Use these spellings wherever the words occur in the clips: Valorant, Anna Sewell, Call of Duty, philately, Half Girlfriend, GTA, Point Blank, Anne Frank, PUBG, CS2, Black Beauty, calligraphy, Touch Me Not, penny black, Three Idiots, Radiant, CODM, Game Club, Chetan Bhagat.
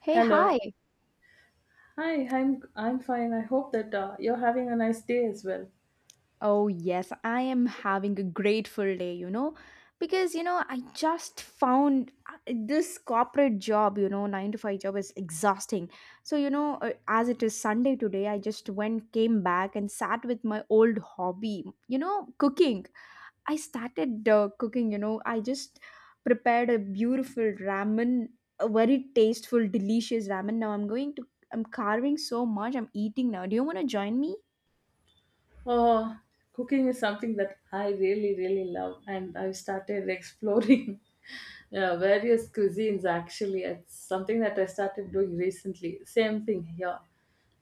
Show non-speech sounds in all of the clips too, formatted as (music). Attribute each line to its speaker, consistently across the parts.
Speaker 1: Hey,
Speaker 2: Hello.
Speaker 1: hi.
Speaker 2: Hi, I'm fine. I hope that you're having a nice day as well.
Speaker 1: Oh, yes, I am having a grateful day, because, I just found this corporate job, 9 to 5 job is exhausting. So, as it is Sunday today, I just went, came back, and sat with my old hobby, cooking. I started cooking, I just prepared a beautiful ramen, a very tasteful, delicious ramen. Now I'm carving so much, I'm eating now. Do you want to join me?
Speaker 2: Oh, cooking is something that I really, really love, and I've started exploring (laughs) various cuisines. Actually, it's something that I started doing recently. Same thing here.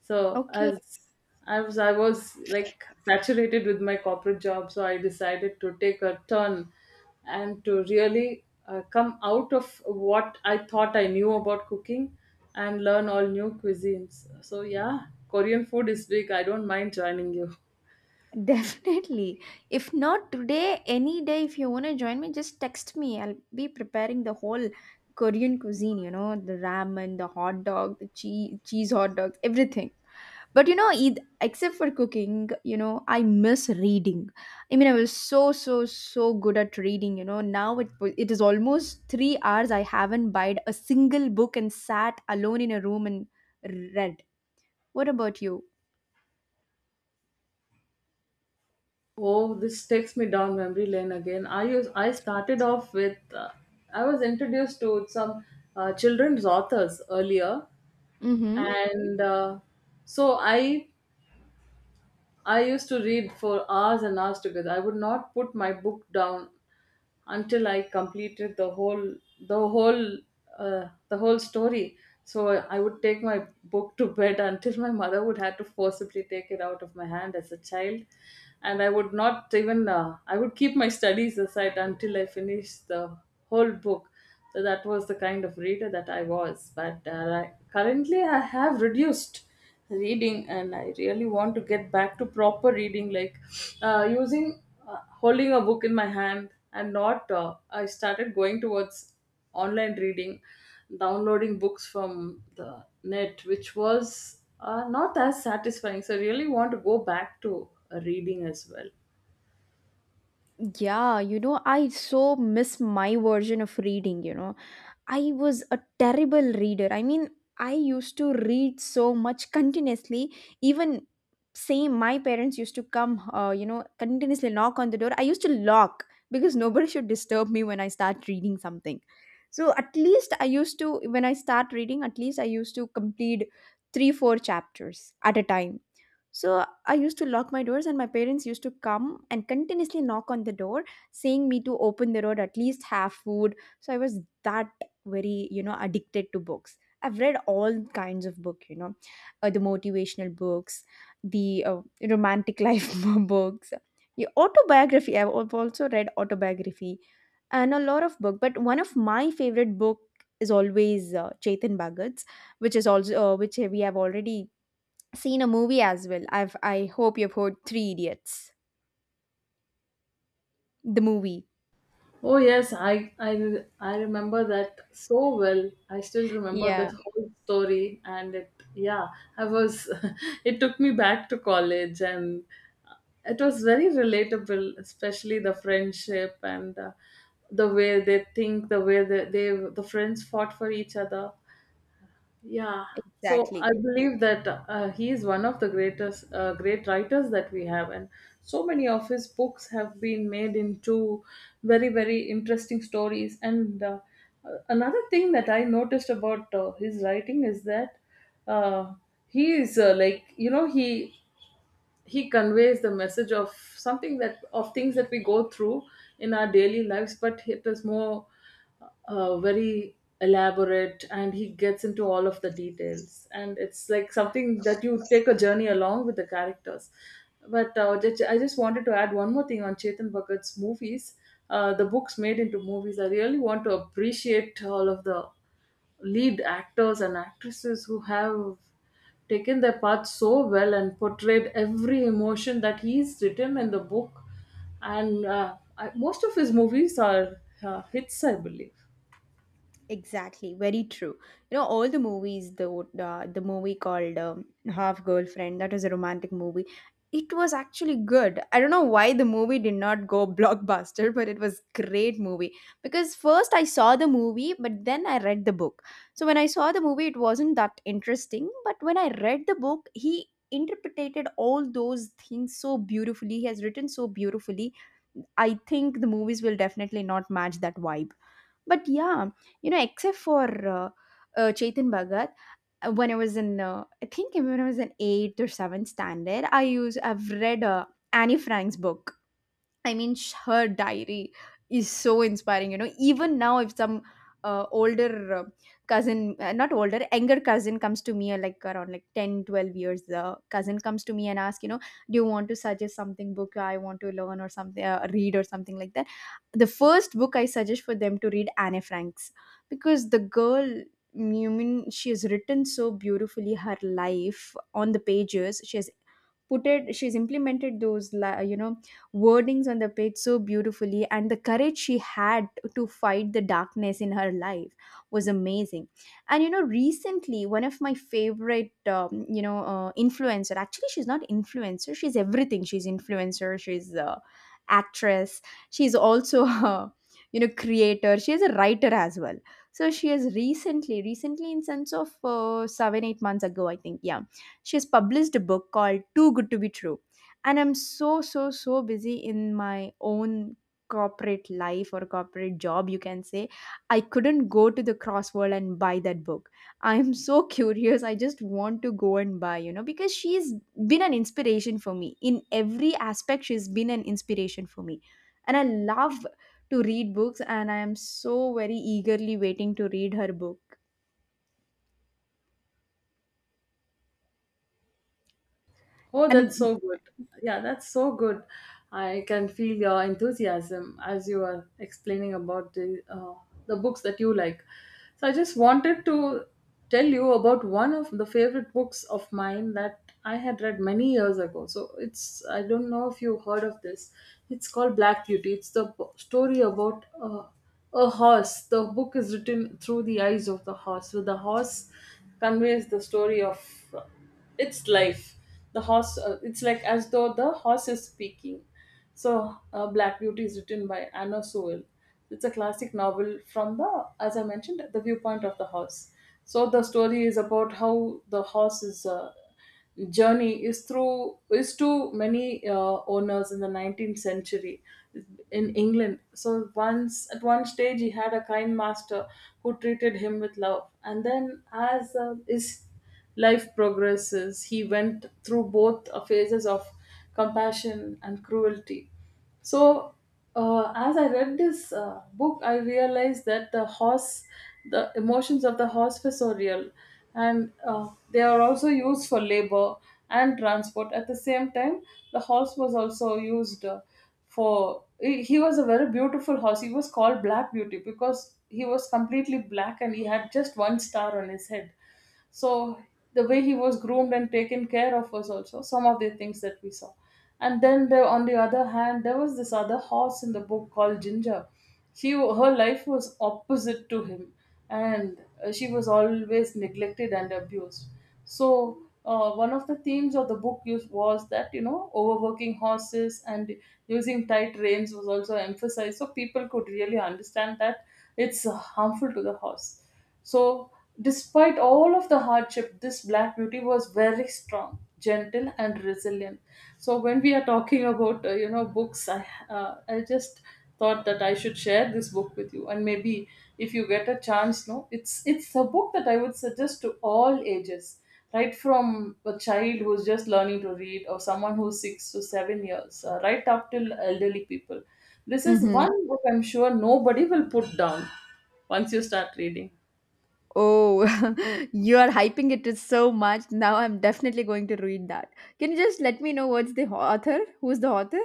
Speaker 2: So as I was like saturated with my corporate job, so I decided to take a turn and to really come out of what I thought I knew about cooking and learn all new cuisines. So yeah, Korean food is big. I don't mind joining you. (laughs)
Speaker 1: (laughs) Definitely. If not today, any day, if you want to join me, just text me. I'll be preparing the whole Korean cuisine, the ramen, the hot dog, the cheese hot dogs, everything. But except for cooking, I miss reading. I mean, I was so, so, so good at reading. Now it is almost 3 hours I haven't buyed a single book and sat alone in a room and read. What about you?
Speaker 2: Oh, this takes me down memory lane again. I started off with I was introduced to some children's authors earlier, and so I used to read for hours and hours together. I would not put my book down until I completed the whole the whole story. So I would take my book to bed (laughs) until my mother would have to forcibly take it out of my hand as a child, and I would not even I would keep my studies aside until I finished the whole book. So that was the kind of reader that I was. But currently, I have reduced reading, and I really want to get back to proper reading, like using holding a book in my hand and not I started going towards online reading, downloading books from the net, which was not as satisfying. So I really want to go back to reading as well.
Speaker 1: Yeah, I so miss my version of reading. I was a terrible reader. I mean, I used to read so much continuously. Even same, my parents used to come, continuously knock on the door. I used to lock because nobody should disturb me when I start reading something. So at least I used to, when I start reading, at least I used to complete three, four chapters at a time, so I used to lock my doors, and my parents used to come and continuously knock on the door, saying me to open the door, at least have food. So I was that very, addicted to books. I've read all kinds of book, the motivational books, the romantic life (laughs) books, the autobiography. I've also read autobiography and a lot of book. But one of my favorite book is always Chetan Bhagat's, which is also which we have already seen a movie as well. I hope you've heard Three Idiots, the movie.
Speaker 2: Oh yes, I remember that so well. I still remember the
Speaker 1: Yeah,
Speaker 2: whole story, and it, yeah, I was. (laughs) It took me back to college, and it was very relatable, especially the friendship and the way they think, the way the friends fought for each other. Yeah. So I
Speaker 1: exactly.
Speaker 2: believe that he is one of the greatest great writers that we have, and so many of his books have been made into very, very interesting stories. And another thing that I noticed about his writing is that uh, he is like, you know, he conveys the message of something that of things that we go through in our daily lives, but it is more very elaborate, and he gets into all of the details, and it's like something that you take a journey along with the characters. But I just wanted to add one more thing on Chetan Bhagat's movies, the books made into movies. I really want to appreciate all of the lead actors and actresses who have taken their part so well and portrayed every emotion that he's written in the book. And most of his movies are hits, I believe.
Speaker 1: Exactly, very true. You know, all the movies, the movie called Half Girlfriend, that was a romantic movie. It was actually good. I don't know why the movie did not go (laughs) blockbuster, but it was great movie. Because first I saw the movie, but then I read the book. So when I saw the movie, it wasn't that interesting. But when I read the book, he interpreted all those things so beautifully. He has written so beautifully. I think the movies will definitely not match that vibe, but yeah, except for Chetan Bhagat, when I was in, I think when I was in eighth or seventh standard, I've read Annie Frank's book. I mean, her diary is so inspiring. You know, even now, if some older cousin, not older, younger cousin comes to me, like around like 10, 12 years, the cousin comes to me and asks, do you want to suggest something book I want to learn or something, read or something like that? The first book I suggest for them to read Anne Frank's, because the girl. You mean she has written so beautifully her life on the pages. She has put it, she's implemented those wordings on the page so beautifully, and the courage she had to fight the darkness in her life was amazing. And recently, one of my favorite influencer, actually she's not influencer, she's everything, she's influencer, she's actress, she's also (laughs) a creator, she is a writer as well. So she has recently, in sense of 7 8 months ago, I think, yeah, she has published a book called Too Good To Be True. And I'm so, so, so busy in my own corporate life, or corporate job you can say, I couldn't go to the Crossword and buy that book. I'm so (laughs) curious, I just want to go and buy, because she's been an inspiration for me in every aspect, she's been an inspiration for me. And I love to read books, and I am so very eagerly waiting to read her book.
Speaker 2: Oh, that's
Speaker 1: And
Speaker 2: so good. Yeah, that's so good. I can feel your enthusiasm as you are explaining about the books that you like. So I just wanted to tell you about one of the favorite books of mine that I had read many years ago. So it's, I don't know if you heard of this. It's called Black Beauty. Story about a horse. The book is written through the eyes of the horse. So the horse conveys the story of it's life. The horse, it's like as though the horse is speaking. So Black Beauty is written by Anna Sewell. It's a classic novel from the, as I mentioned, the viewpoint of the horse. So the story is about how the horse's journey is through, is to many owners in the 19th century in England. So once, at one stage, he had a kind master who treated him with love, and then as is life progresses, he went through both phases of compassion and cruelty. So as I read this book, I realized that the horse, the emotions of the horse were so real, and they are also used for labor and transport. At the same time, the horse was also used for. He was a very beautiful horse. He was called Black Beauty because he was completely black and he had just one star on his head. So the way he was groomed and taken care of was also some of the things that we saw. And then, there on the other hand, there was this other horse in the book called Ginger. She, her life was opposite to him. And she was always neglected and abused. So one of the themes of the book used was that, you know, overworking horses and using tight reins was also emphasized, so people could really understand that it's harmful to the horse. So despite all of the hardship, this Black Beauty was very strong, gentle, and resilient. So when we are talking about you know, books, I just thought that I should share this book with you, and maybe if you get a chance. No, it's a book that I would suggest to all ages, right from a child who's just learning to read, or someone who's 6 to 7 years, right up till elderly people. This is
Speaker 1: Mhm.
Speaker 2: one book I'm sure nobody will put down once you start reading.
Speaker 1: Oh, (laughs) you are hyping it so much. Now I'm definitely going to read that. Can you just let me know what's the author? Who's the author?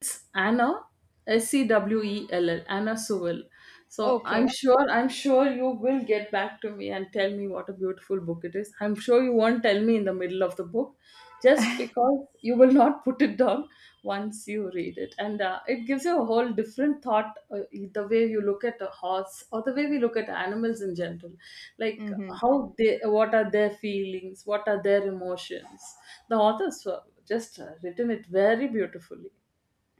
Speaker 2: It's Anna Sewell, Anna Sewell. So I'm
Speaker 1: Okay.
Speaker 2: sure I'm sure you will get back to me and tell me what a beautiful book it is. I'm sure you won't tell me in the middle of the book, just because you will not put it down once you read it, and it gives you a whole different thought. The way you look at a horse, or the way we look at animals in general, like
Speaker 1: Mm-hmm.
Speaker 2: how they, what are their feelings, what are their emotions. The authors just written it very beautifully.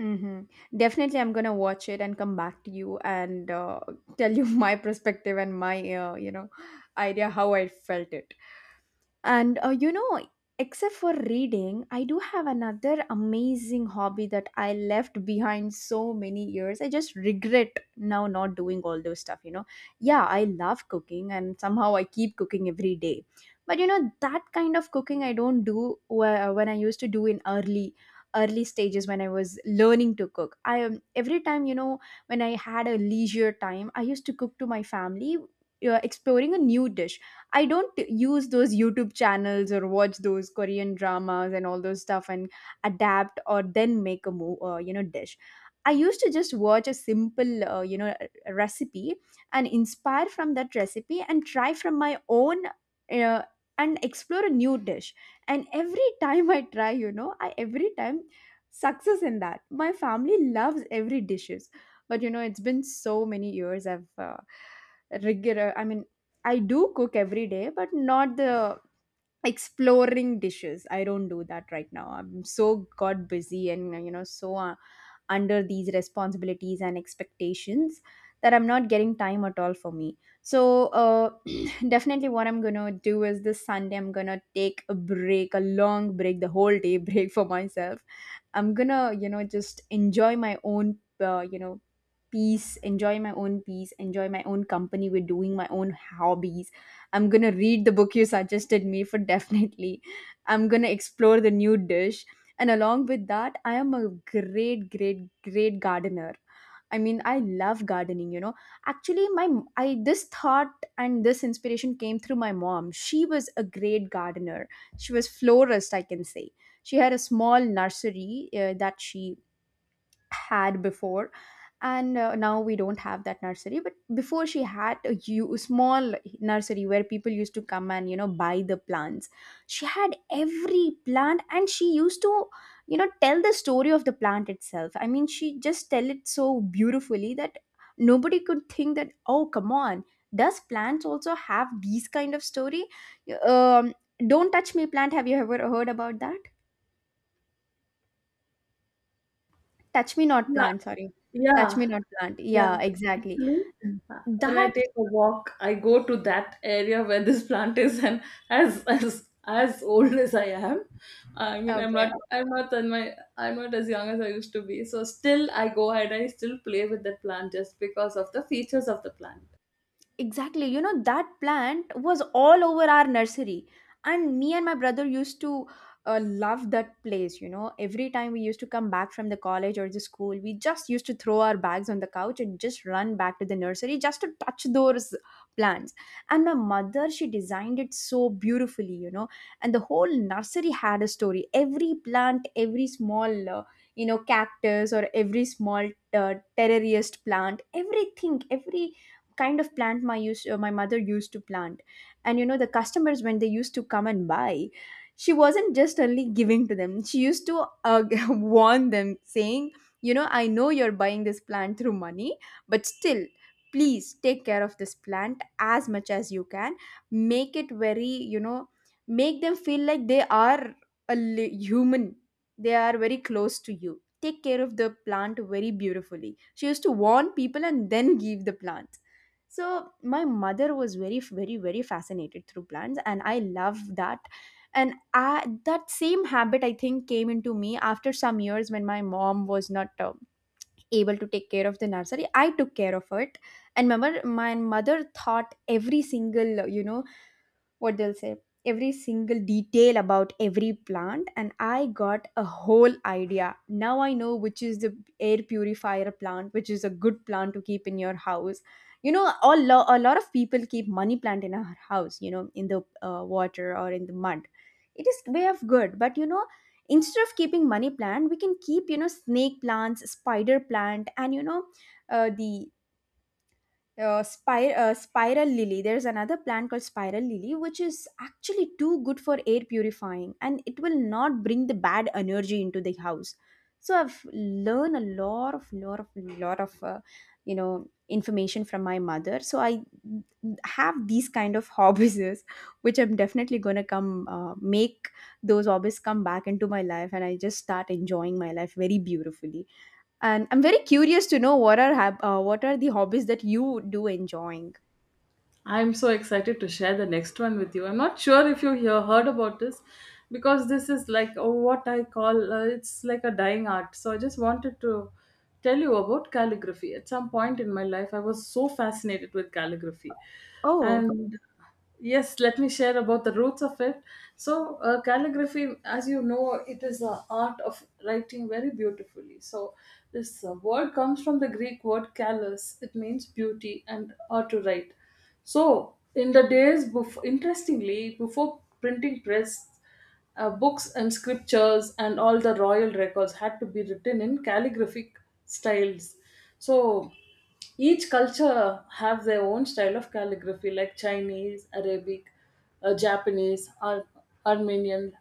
Speaker 1: Mm-hmm. Definitely, I'm gonna watch it and come back to you and tell you (laughs) my perspective and my idea how I felt it. And except for reading, I do have another amazing hobby that I left behind so many years. I just regret now not doing all those stuff, you know. Yeah, I love cooking and somehow I keep cooking every day. But you know, that kind of cooking I don't do when I used to do in early stages when I was learning to cook. I every time, when I had a leisure time, I used to cook to my family, exploring a new dish. I don't use those YouTube channels or watch those Korean dramas and all those stuff and adapt or then make a dish. I used to just watch a simple recipe and inspire from that recipe and try from my own uh, and explore a new dish. And every time I try, you know, I every time success in that. My family loves every dishes, but you know it's been so many years. I mean, I do cook every day, but not the exploring dishes. I don't do that right now. I'm so god busy, and you know, so under these responsibilities and expectations, that I'm not getting time at all for me. So (clears throat) definitely, what I'm gonna do is this Sunday I'm gonna take a break, a long break, the whole day (laughs) break for myself. I'm gonna, just enjoy my own peace, enjoy my own peace, enjoy my own company with doing my own hobbies. I'm gonna read the book you suggested me for, definitely. I'm gonna explore the new dish. And along with that, I am a great, great, great gardener. I mean, I love gardening, you know. Actually, I this thought and this inspiration came through my mom. She was a great gardener. She was florist, I can say. She had a small nursery that she had before, and now we don't have that nursery, but before she had a small nursery where people used to come and you know buy the plants. She had every plant, and she used to, tell the story of the plant itself. I mean, she just tell it so beautifully that nobody could think that, oh come on, does plants also have these kind of story. um, don't touch me plant, have you ever heard about that Touch Me Not
Speaker 2: Yeah.
Speaker 1: plant, sorry. Touch
Speaker 2: Yeah,
Speaker 1: Me Not plant.
Speaker 2: yeah.
Speaker 1: Yeah, exactly.
Speaker 2: Actually, uh, when I
Speaker 1: That
Speaker 2: take a walk, I go to that area where this plant is, and as as old as I am, I mean,
Speaker 1: okay.
Speaker 2: I'm not as young as I used to be. So still, I go ahead. I still play with that plant just because of the features of the plant.
Speaker 1: Exactly. You know, that plant was all over our nursery. And me and my brother used to love that place. You know, every time we used to come back from the college or the school, we just used to throw our bags on the couch and just run back to the nursery just to touch those plants. And my mother, she designed it so beautifully, you know, and the whole nursery had a story. Every plant, every small, cactus, or every small terrariest plant, everything, every kind of plant my mother used to plant. And you know, the customers, when they used to come and buy, she wasn't just only giving to them, she used to (laughs) warn them, saying, you know, I know you're buying this plant through money, but still, please take care of this plant as much as you can. Make it very, you know, make them feel like they are human, they are very close to you. Take care of the plant very beautifully. She used to warn people and then give the plant. So my mother was very, very, very fascinated through plants, and I love that. And that same habit, I think, came into me after some years when my mom was not able to take care of the nursery. I took care of it. And remember, my mother thought every single, you know, what they'll say, every single detail about every plant, and I got a whole idea. Now I know which is the air purifier plant, which is a good plant to keep in your house. You know, a lot of people keep money plant in our house, you know, in the water or in the mud. It is way of good, but you know, instead of keeping money plant, we can keep, you know, snake plants, spider plant, and you know, uh, the spiral lily. There's another plant called spiral lily which is actually too good for air purifying, and it will not bring the bad energy into the house. So I've learned a lot of you know, information from my mother. So I have these kind of (laughs) hobbies, which I'm definitely going to come make those hobbies come back into my life, and I just start enjoying my life very beautifully. And I'm very curious to know what are what are the hobbies that you do enjoying.
Speaker 2: I'm so excited to share the next one with you. I'm not sure if you hear, heard about this, because this is like, oh, what I call it's like a dying art. So I just wanted to tell you about calligraphy. At some point in my life, I was so fascinated with calligraphy.
Speaker 1: Oh,
Speaker 2: And yes, let me share about the roots of it. So calligraphy, as you know, it is the art of writing very beautifully. So this word comes from the Greek word callus. It means beauty and or to write. So in the days before, interestingly, before printing press, books and scriptures and all the royal records had to be written in calligraphic styles. So each culture have their own style of calligraphy, like Chinese, Arabic, Japanese, Armenian,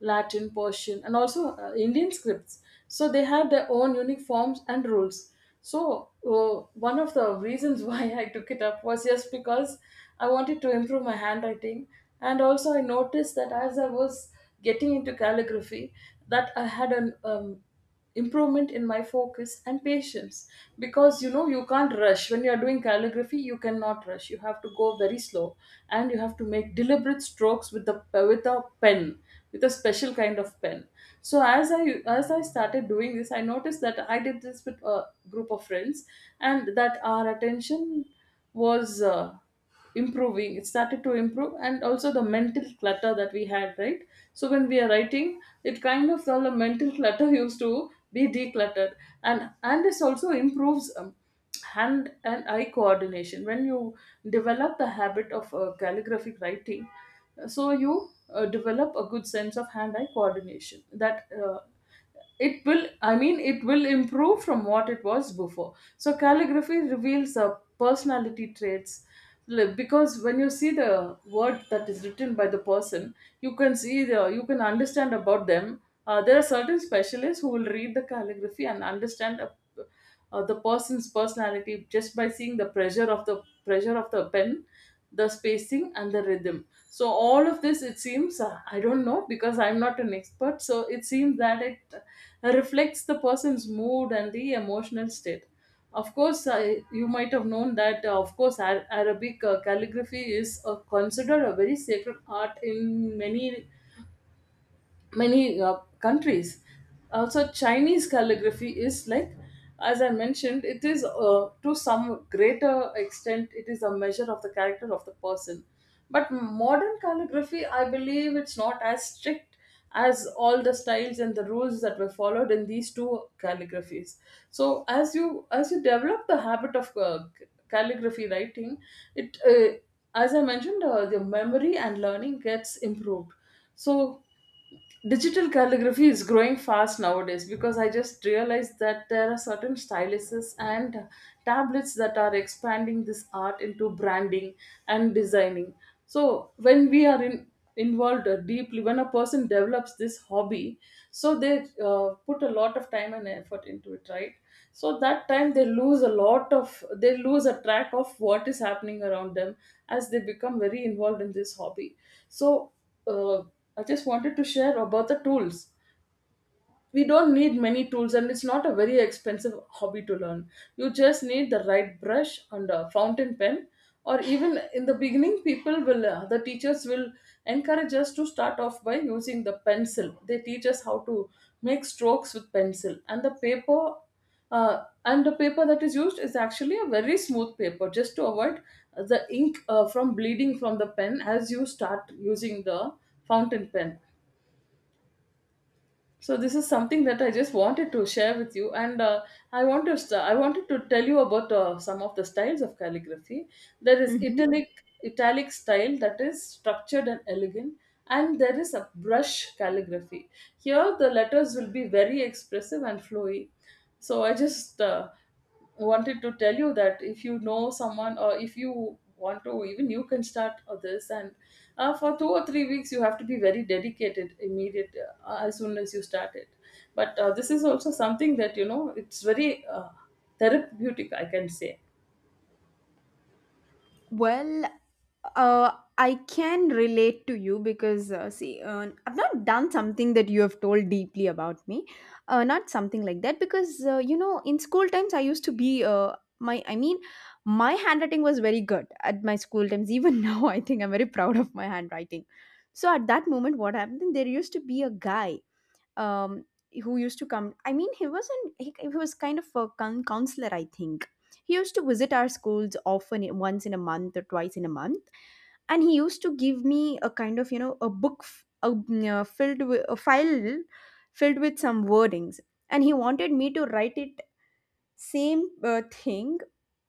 Speaker 2: Latin, Persian, and also Indian scripts. So they had their own unique forms and rules. So one of the reasons (laughs) why I took it up was just because I wanted to improve my handwriting, and also I noticed that as I was getting into calligraphy, that I had an improvement in my focus and patience, because you know, you can't rush when you are doing calligraphy. You cannot rush. You have to go very slow, and you have to make deliberate strokes with the with a pen, with a special kind of pen. So as I started doing this, I noticed that I did this with a group of friends, and that our attention was improving, it started to improve. And also the mental clutter that we had, right, so when we are writing, it kind of, all the mental (laughs) clutter used to be decluttered. And this also improves hand and eye coordination. When you develop the habit of calligraphic writing, so you develop a good sense of hand eye coordination, that it will, I mean, it will improve from what it was before. So calligraphy reveals personality traits, like, because when you see the word that is written by the person, you can see the, you can understand about them. There are certain specialists who will read the calligraphy and understand a, the person's personality, just by seeing the pressure of the pen, the spacing and the rhythm. So all of this, it seems, I don't know, because I'm not an expert, so it seems that it reflects the person's mood and the emotional state. Of course, you might have known that, of course, Arabic calligraphy is considered a very sacred art in many countries. Also, Chinese calligraphy is like, as I mentioned, it is to some greater extent, it is a measure of the character of the person. But modern calligraphy, I believe it's not as strict as all the styles and the rules that were followed in these two calligraphies. So as you develop the habit of calligraphy writing, it as I mentioned, the memory and learning gets improved. So digital calligraphy is growing fast nowadays because I just realized that there are certain styluses and tablets that are expanding this art into branding and designing. So when we are involved deeply, when a person develops this hobby, so they put a lot of time and effort into it, right? So that time, they lose a lot of, they lose a track of what is happening around them as they become very involved in this hobby. So uh, I just wanted to share about the tools. We don't need many tools, and it's not a very expensive hobby to learn. You just need the right brush and a fountain pen, or even in the beginning, people will the teachers will encourage us to start off by using the pencil. They teach us how to make strokes with pencil and the paper. And the paper that is used is actually a very smooth paper, just to avoid the ink from bleeding from the pen as you start using the fountain pen. So this is something that I just wanted to share with you, and I wanted to tell you about some of the styles of calligraphy. There is
Speaker 1: hmm.
Speaker 2: italic style that is structured and elegant, and there is a brush calligraphy. Here the letters will be very expressive and flowy. So I just wanted to tell you that if you know someone, or if you want to, even you can start this. And for 2 or 3 weeks, you have to be very dedicated immediate as soon as you start it. But this is also something that, you know, it's very therapeutic, I can say.
Speaker 1: Well, uh, I can relate to you because see, I've not done something that you have told deeply about me. Not something like that because you know, in school times, I used to be my. I mean, my handwriting was very good at my school times. Even (laughs) now, I think I'm very proud of my handwriting. So at that moment, what happened? There used to be a guy um, who used to come. I mean, he wasn't. He was kind of a counselor, I think. He used to visit our schools often, once in a month or twice in a month, and he used to give me a kind of, you know, a book f- a, mm, filled with a file filled with some wordings, and he wanted me to write it same thing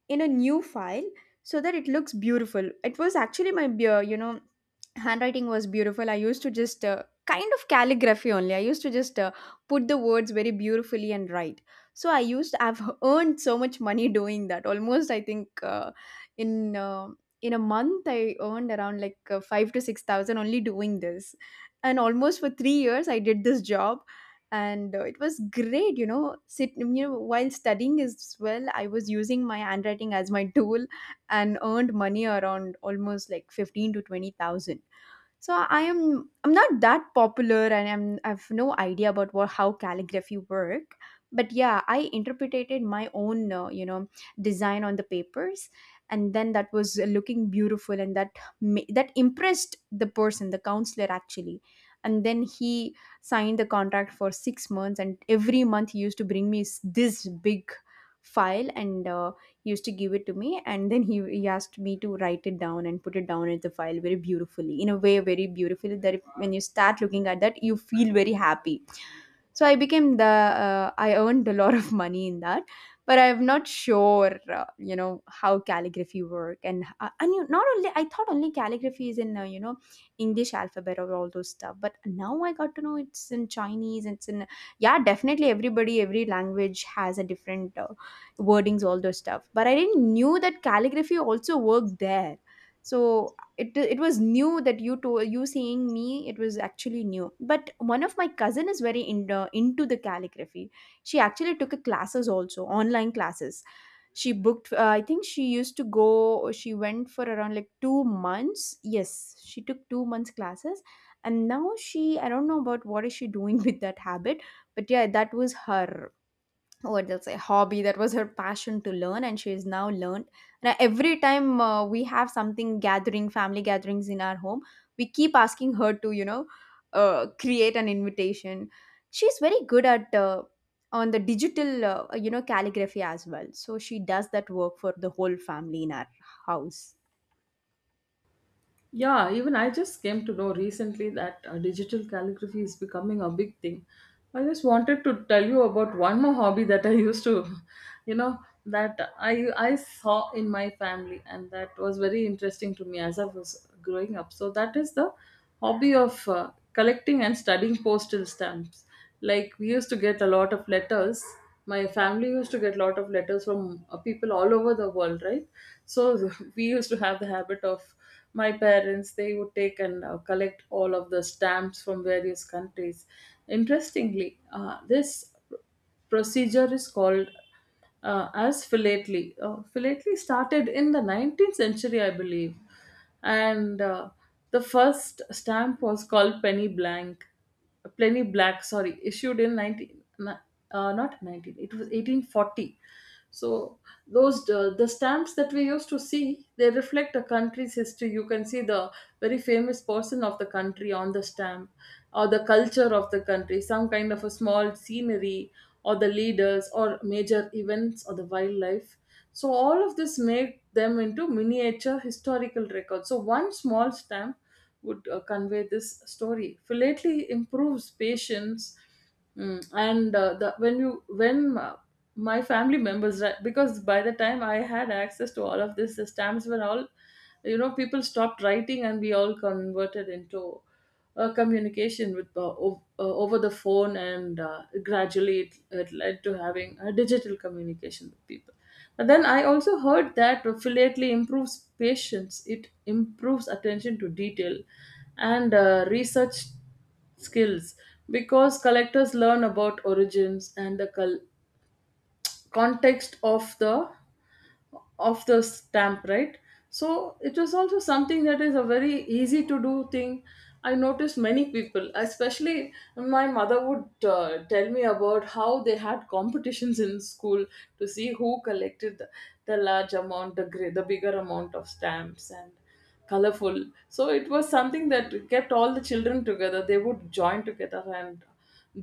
Speaker 1: in a new file so that it looks beautiful. It was actually my you know, handwriting was beautiful. I used to just, kind of calligraphy only, I used to just put the words very beautifully and write. So I've earned so much money doing that. Almost I think, in uh, in a month I earned around like 5 to 6,000 only doing this. And almost for 3 years I did this job, and it was great, you know, sit you know, while studying as well, I was using my handwriting as my tool and earned money around almost like 15 to 20,000. So I'm not that popular, and I've no idea about what how calligraphy work. But yeah, I interpreted my own, you know, design on the papers, and then that was looking beautiful, and that impressed the person, the counselor actually. And then he signed the contract for 6 months, and every month he used to bring me this big file and used to give it to me. And then he asked me to write it down and put it down in the file very beautifully, in a way very beautifully that if, when you start looking at that, you feel very happy. So I became the I earned a lot of money in that, but I'm not sure you know, how calligraphy work. And you, not only I thought only calligraphy is in you know, English alphabet or all those stuff, but now I got to know it's in Chinese. It's in, yeah, definitely everybody every language has a different, wordings, all those stuff. But I didn't knew that calligraphy also worked there. So it was new that you seeing me, it was actually new. But one of my cousin is very into the calligraphy. She actually took a classes, also online classes. She booked, I think she used to go she went for around like 2 months. Yes, she took 2 months classes. And now she, I don't know about what is she doing (laughs) with that habit. But yeah, that was her what that's say hobby. That was her passion to learn, and she has now learned. And every time we have something gathering, family gatherings in our home, we keep asking her to, you know, create an invitation. She's very good at, on the digital, you know, calligraphy as well, so she does that work for the whole family in our house.
Speaker 2: Yeah, even I just came to know recently that digital calligraphy is becoming a big thing. I just wanted to tell you about one more hobby that I used to, (laughs) you know, that I saw in my family, and that was very interesting to me as I was growing up. So that is the hobby of collecting and studying postal stamps. Like, we used to get a lot of letters. My family used to get a lot of letters from people all over the world, right? So (laughs) we used to have the habit of, my parents, they would take and collect all of the stamps from various countries. Interestingly, this procedure is called as philately. Philately started in the 19th century, I believe, and the first stamp was called penny blank, penny black. Sorry, issued in 19 uh, not 19. It was 1840. So those the stamps that we used to see, they reflect a country's history. You can see the very famous person of the country on the stamp, or the culture of the country, some kind of a small scenery, or the leaders or major events or the wildlife. So all of this made them into miniature historical records. So one small stamp would convey this story. Philately improves patience. Mm, and the when you when my family members, right, because by the time I had access to all of this, the stamps were all, you know, people stopped writing and we all converted into communication with over the phone, and gradually it, it led to having a digital communication with people. But then I also heard that philately improves patience. It improves attention to detail, and research skills, because collectors learn about origins and the context of the stamp, right? So it was also something that is a very easy to do thing. I noticed many people, especially my mother, would tell me about how they had competitions in school to see who collected the large amount, the, the bigger amount of stamps, and colorful. So it was something that kept all the children together. They would join together and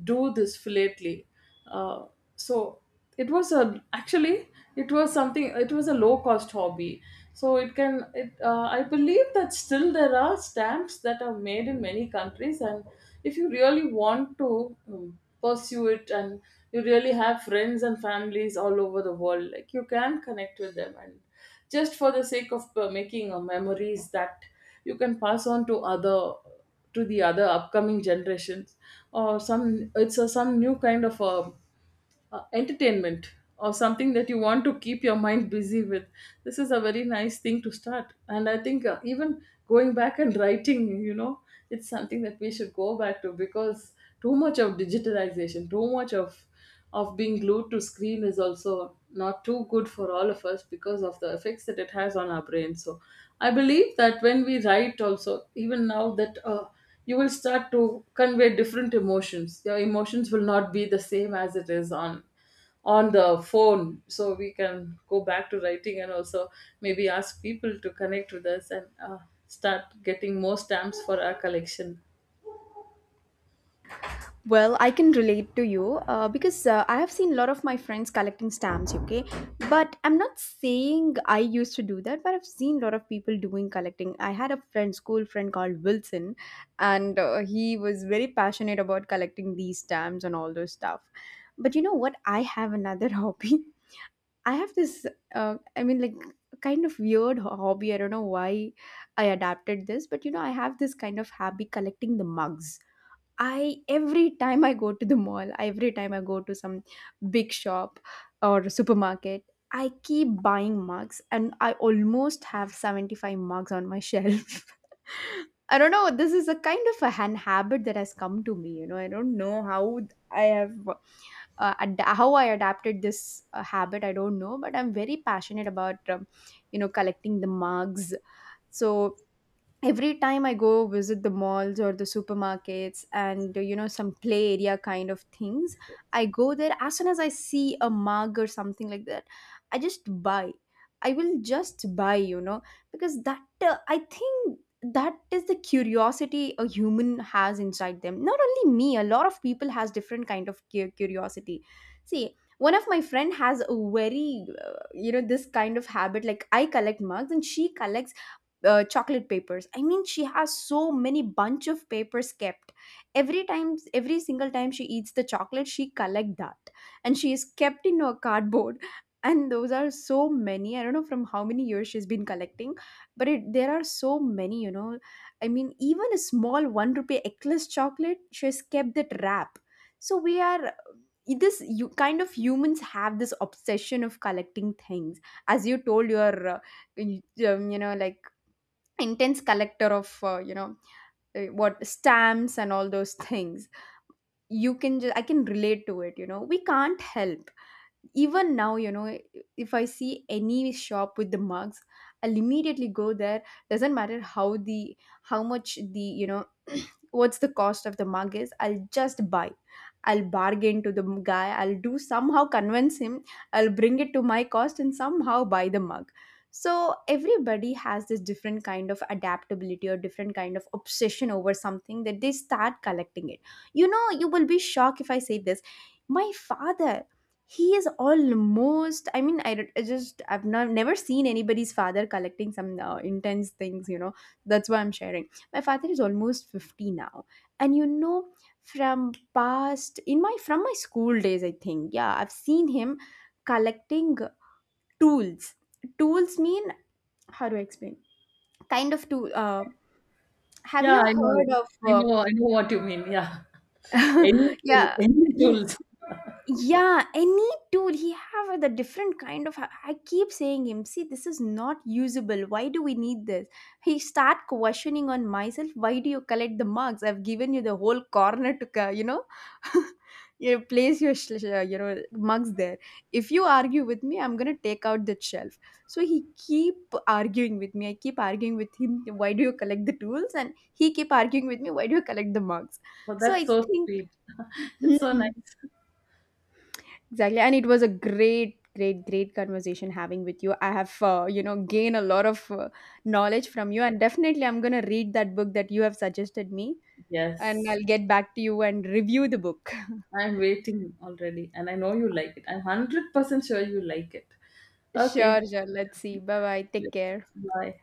Speaker 2: do this philately. uh, so it was a actually, it was something, it was a low cost hobby. So it can it I believe that still there are stamps that are made in many countries, and if you really want to pursue it, and you really have friends and families all over the world, like, you can connect with them, and just for the sake of making memories that you can pass on to other, to the other upcoming generations, or some, it's a, some new kind of a entertainment, or something that you want to keep your mind busy with. This is a very nice thing to start. And I think even going back and writing, you know, it's something that we should go back to, because too much of digitalization, too much of being glued to screen, is also not too good for all of us because of the effects that it has on our brain. So I believe that when we write also, even now, that you will start to convey different emotions. Your emotions will not be the same as it is on the phone. So we can go back to writing, and also maybe ask people to connect with us, and start getting more stamps for our collection.
Speaker 1: Well, I can relate to you, because I have seen a lot of my friends collecting stamps, okay? But I'm not saying I used to do that, but I've seen a lot of people doing collecting. I had a friend, school friend called Wilson, and he was very passionate about collecting these stamps and all those stuff. But you know what? I have another (laughs) hobby. I have I mean, like, kind of weird hobby. I don't know why I adapted this, but you know, I have this kind of hobby collecting the mugs. I, every time I go to the mall, every time I go to some big shop or supermarket, I keep buying mugs, and I almost have 75 mugs on my shelf. (laughs) I don't know, this is a kind of a hand habit that has come to me, you know. I don't know how I have how I adapted this habit, I don't know, but I'm very passionate about you know, collecting the mugs. So every time I go visit the malls or the supermarkets and, you know, some play area kind of things, I go there. As soon as I see a mug or something like that, i just buy I will just buy, you know, because that I think that is the curiosity a human has inside them. Not only me, a lot of people has different kind of curiosity. See, one of my friend has a very, you know, this kind of habit. Like I collect mugs, and she collects, chocolate papers. I mean, she has so many bunch of papers kept. Every time, every single time she eats the chocolate, she collect that. And she is kept in a cardboard. (laughs) And those are so many, I don't know from how many years she's been collecting, but there are so many, you know. I mean, even a small 1 rupee ecless chocolate, she has kept that wrap. So we are this you kind of humans have this obsession of collecting things. As you told your, you, you know, like intense collector of, you know, what stamps and all those (laughs) things, you can just, I can relate to it, you know, we can't help. Even now, you know, if I see any shop with the mugs, I'll immediately go there. Doesn't matter how the, how much the, you know, (clears throat) what's the cost of the mug is, I'll just buy. I'll bargain to the guy, I'll do somehow convince him, I'll bring it to my cost and somehow buy the mug. So everybody has this different kind of adaptability or different kind of obsession over something that they start collecting it. You know, you will be shocked if I say this. My father, he is almost, I just, I've not, never seen anybody's father collecting some intense things, you know. That's why I'm sharing. My father is almost 50 now. And, you know, from past, from my school days, I think, yeah, I've seen him collecting tools. Tools mean, how do I explain? Kind of tool. Have
Speaker 2: Yeah,
Speaker 1: you
Speaker 2: I know it.
Speaker 1: heard
Speaker 2: I
Speaker 1: of,
Speaker 2: know, I know what you mean. Yeah.
Speaker 1: uh,
Speaker 2: (laughs) Any
Speaker 1: (laughs)
Speaker 2: tool,
Speaker 1: yeah,
Speaker 2: any tools.
Speaker 1: yeah, any tool he have the different kind of. I keep saying him, see, this is not usable. Why do we need this? He start questioning on myself. Why do you collect the marks? I've given you the whole corner to, you know, (laughs) you place your you know, mugs there. If you argue with me, I'm gonna take out the shelf. So he keep arguing with me, I keep arguing with him. Why do you collect the tools? And he keep arguing with me, why do you collect the mugs?
Speaker 2: (laughs) Oh,
Speaker 1: So
Speaker 2: that's
Speaker 1: I
Speaker 2: so
Speaker 1: think.
Speaker 2: sweet. (laughs) It's so
Speaker 1: (laughs)
Speaker 2: nice.
Speaker 1: Exactly. And it was a great, great, great, conversation having with you. I have, you know, gained a lot of, knowledge from you. And definitely, I'm going to read that book that you have suggested me. And
Speaker 2: Yes.
Speaker 1: I'll get back to you and review the book. (laughs)
Speaker 2: I'm waiting already, and I know you like it. I'm 100% sure you like it.
Speaker 1: Sure,
Speaker 2: Okay,
Speaker 1: sure. Let's see. Bye bye. Take
Speaker 2: let's
Speaker 1: care.
Speaker 2: bye.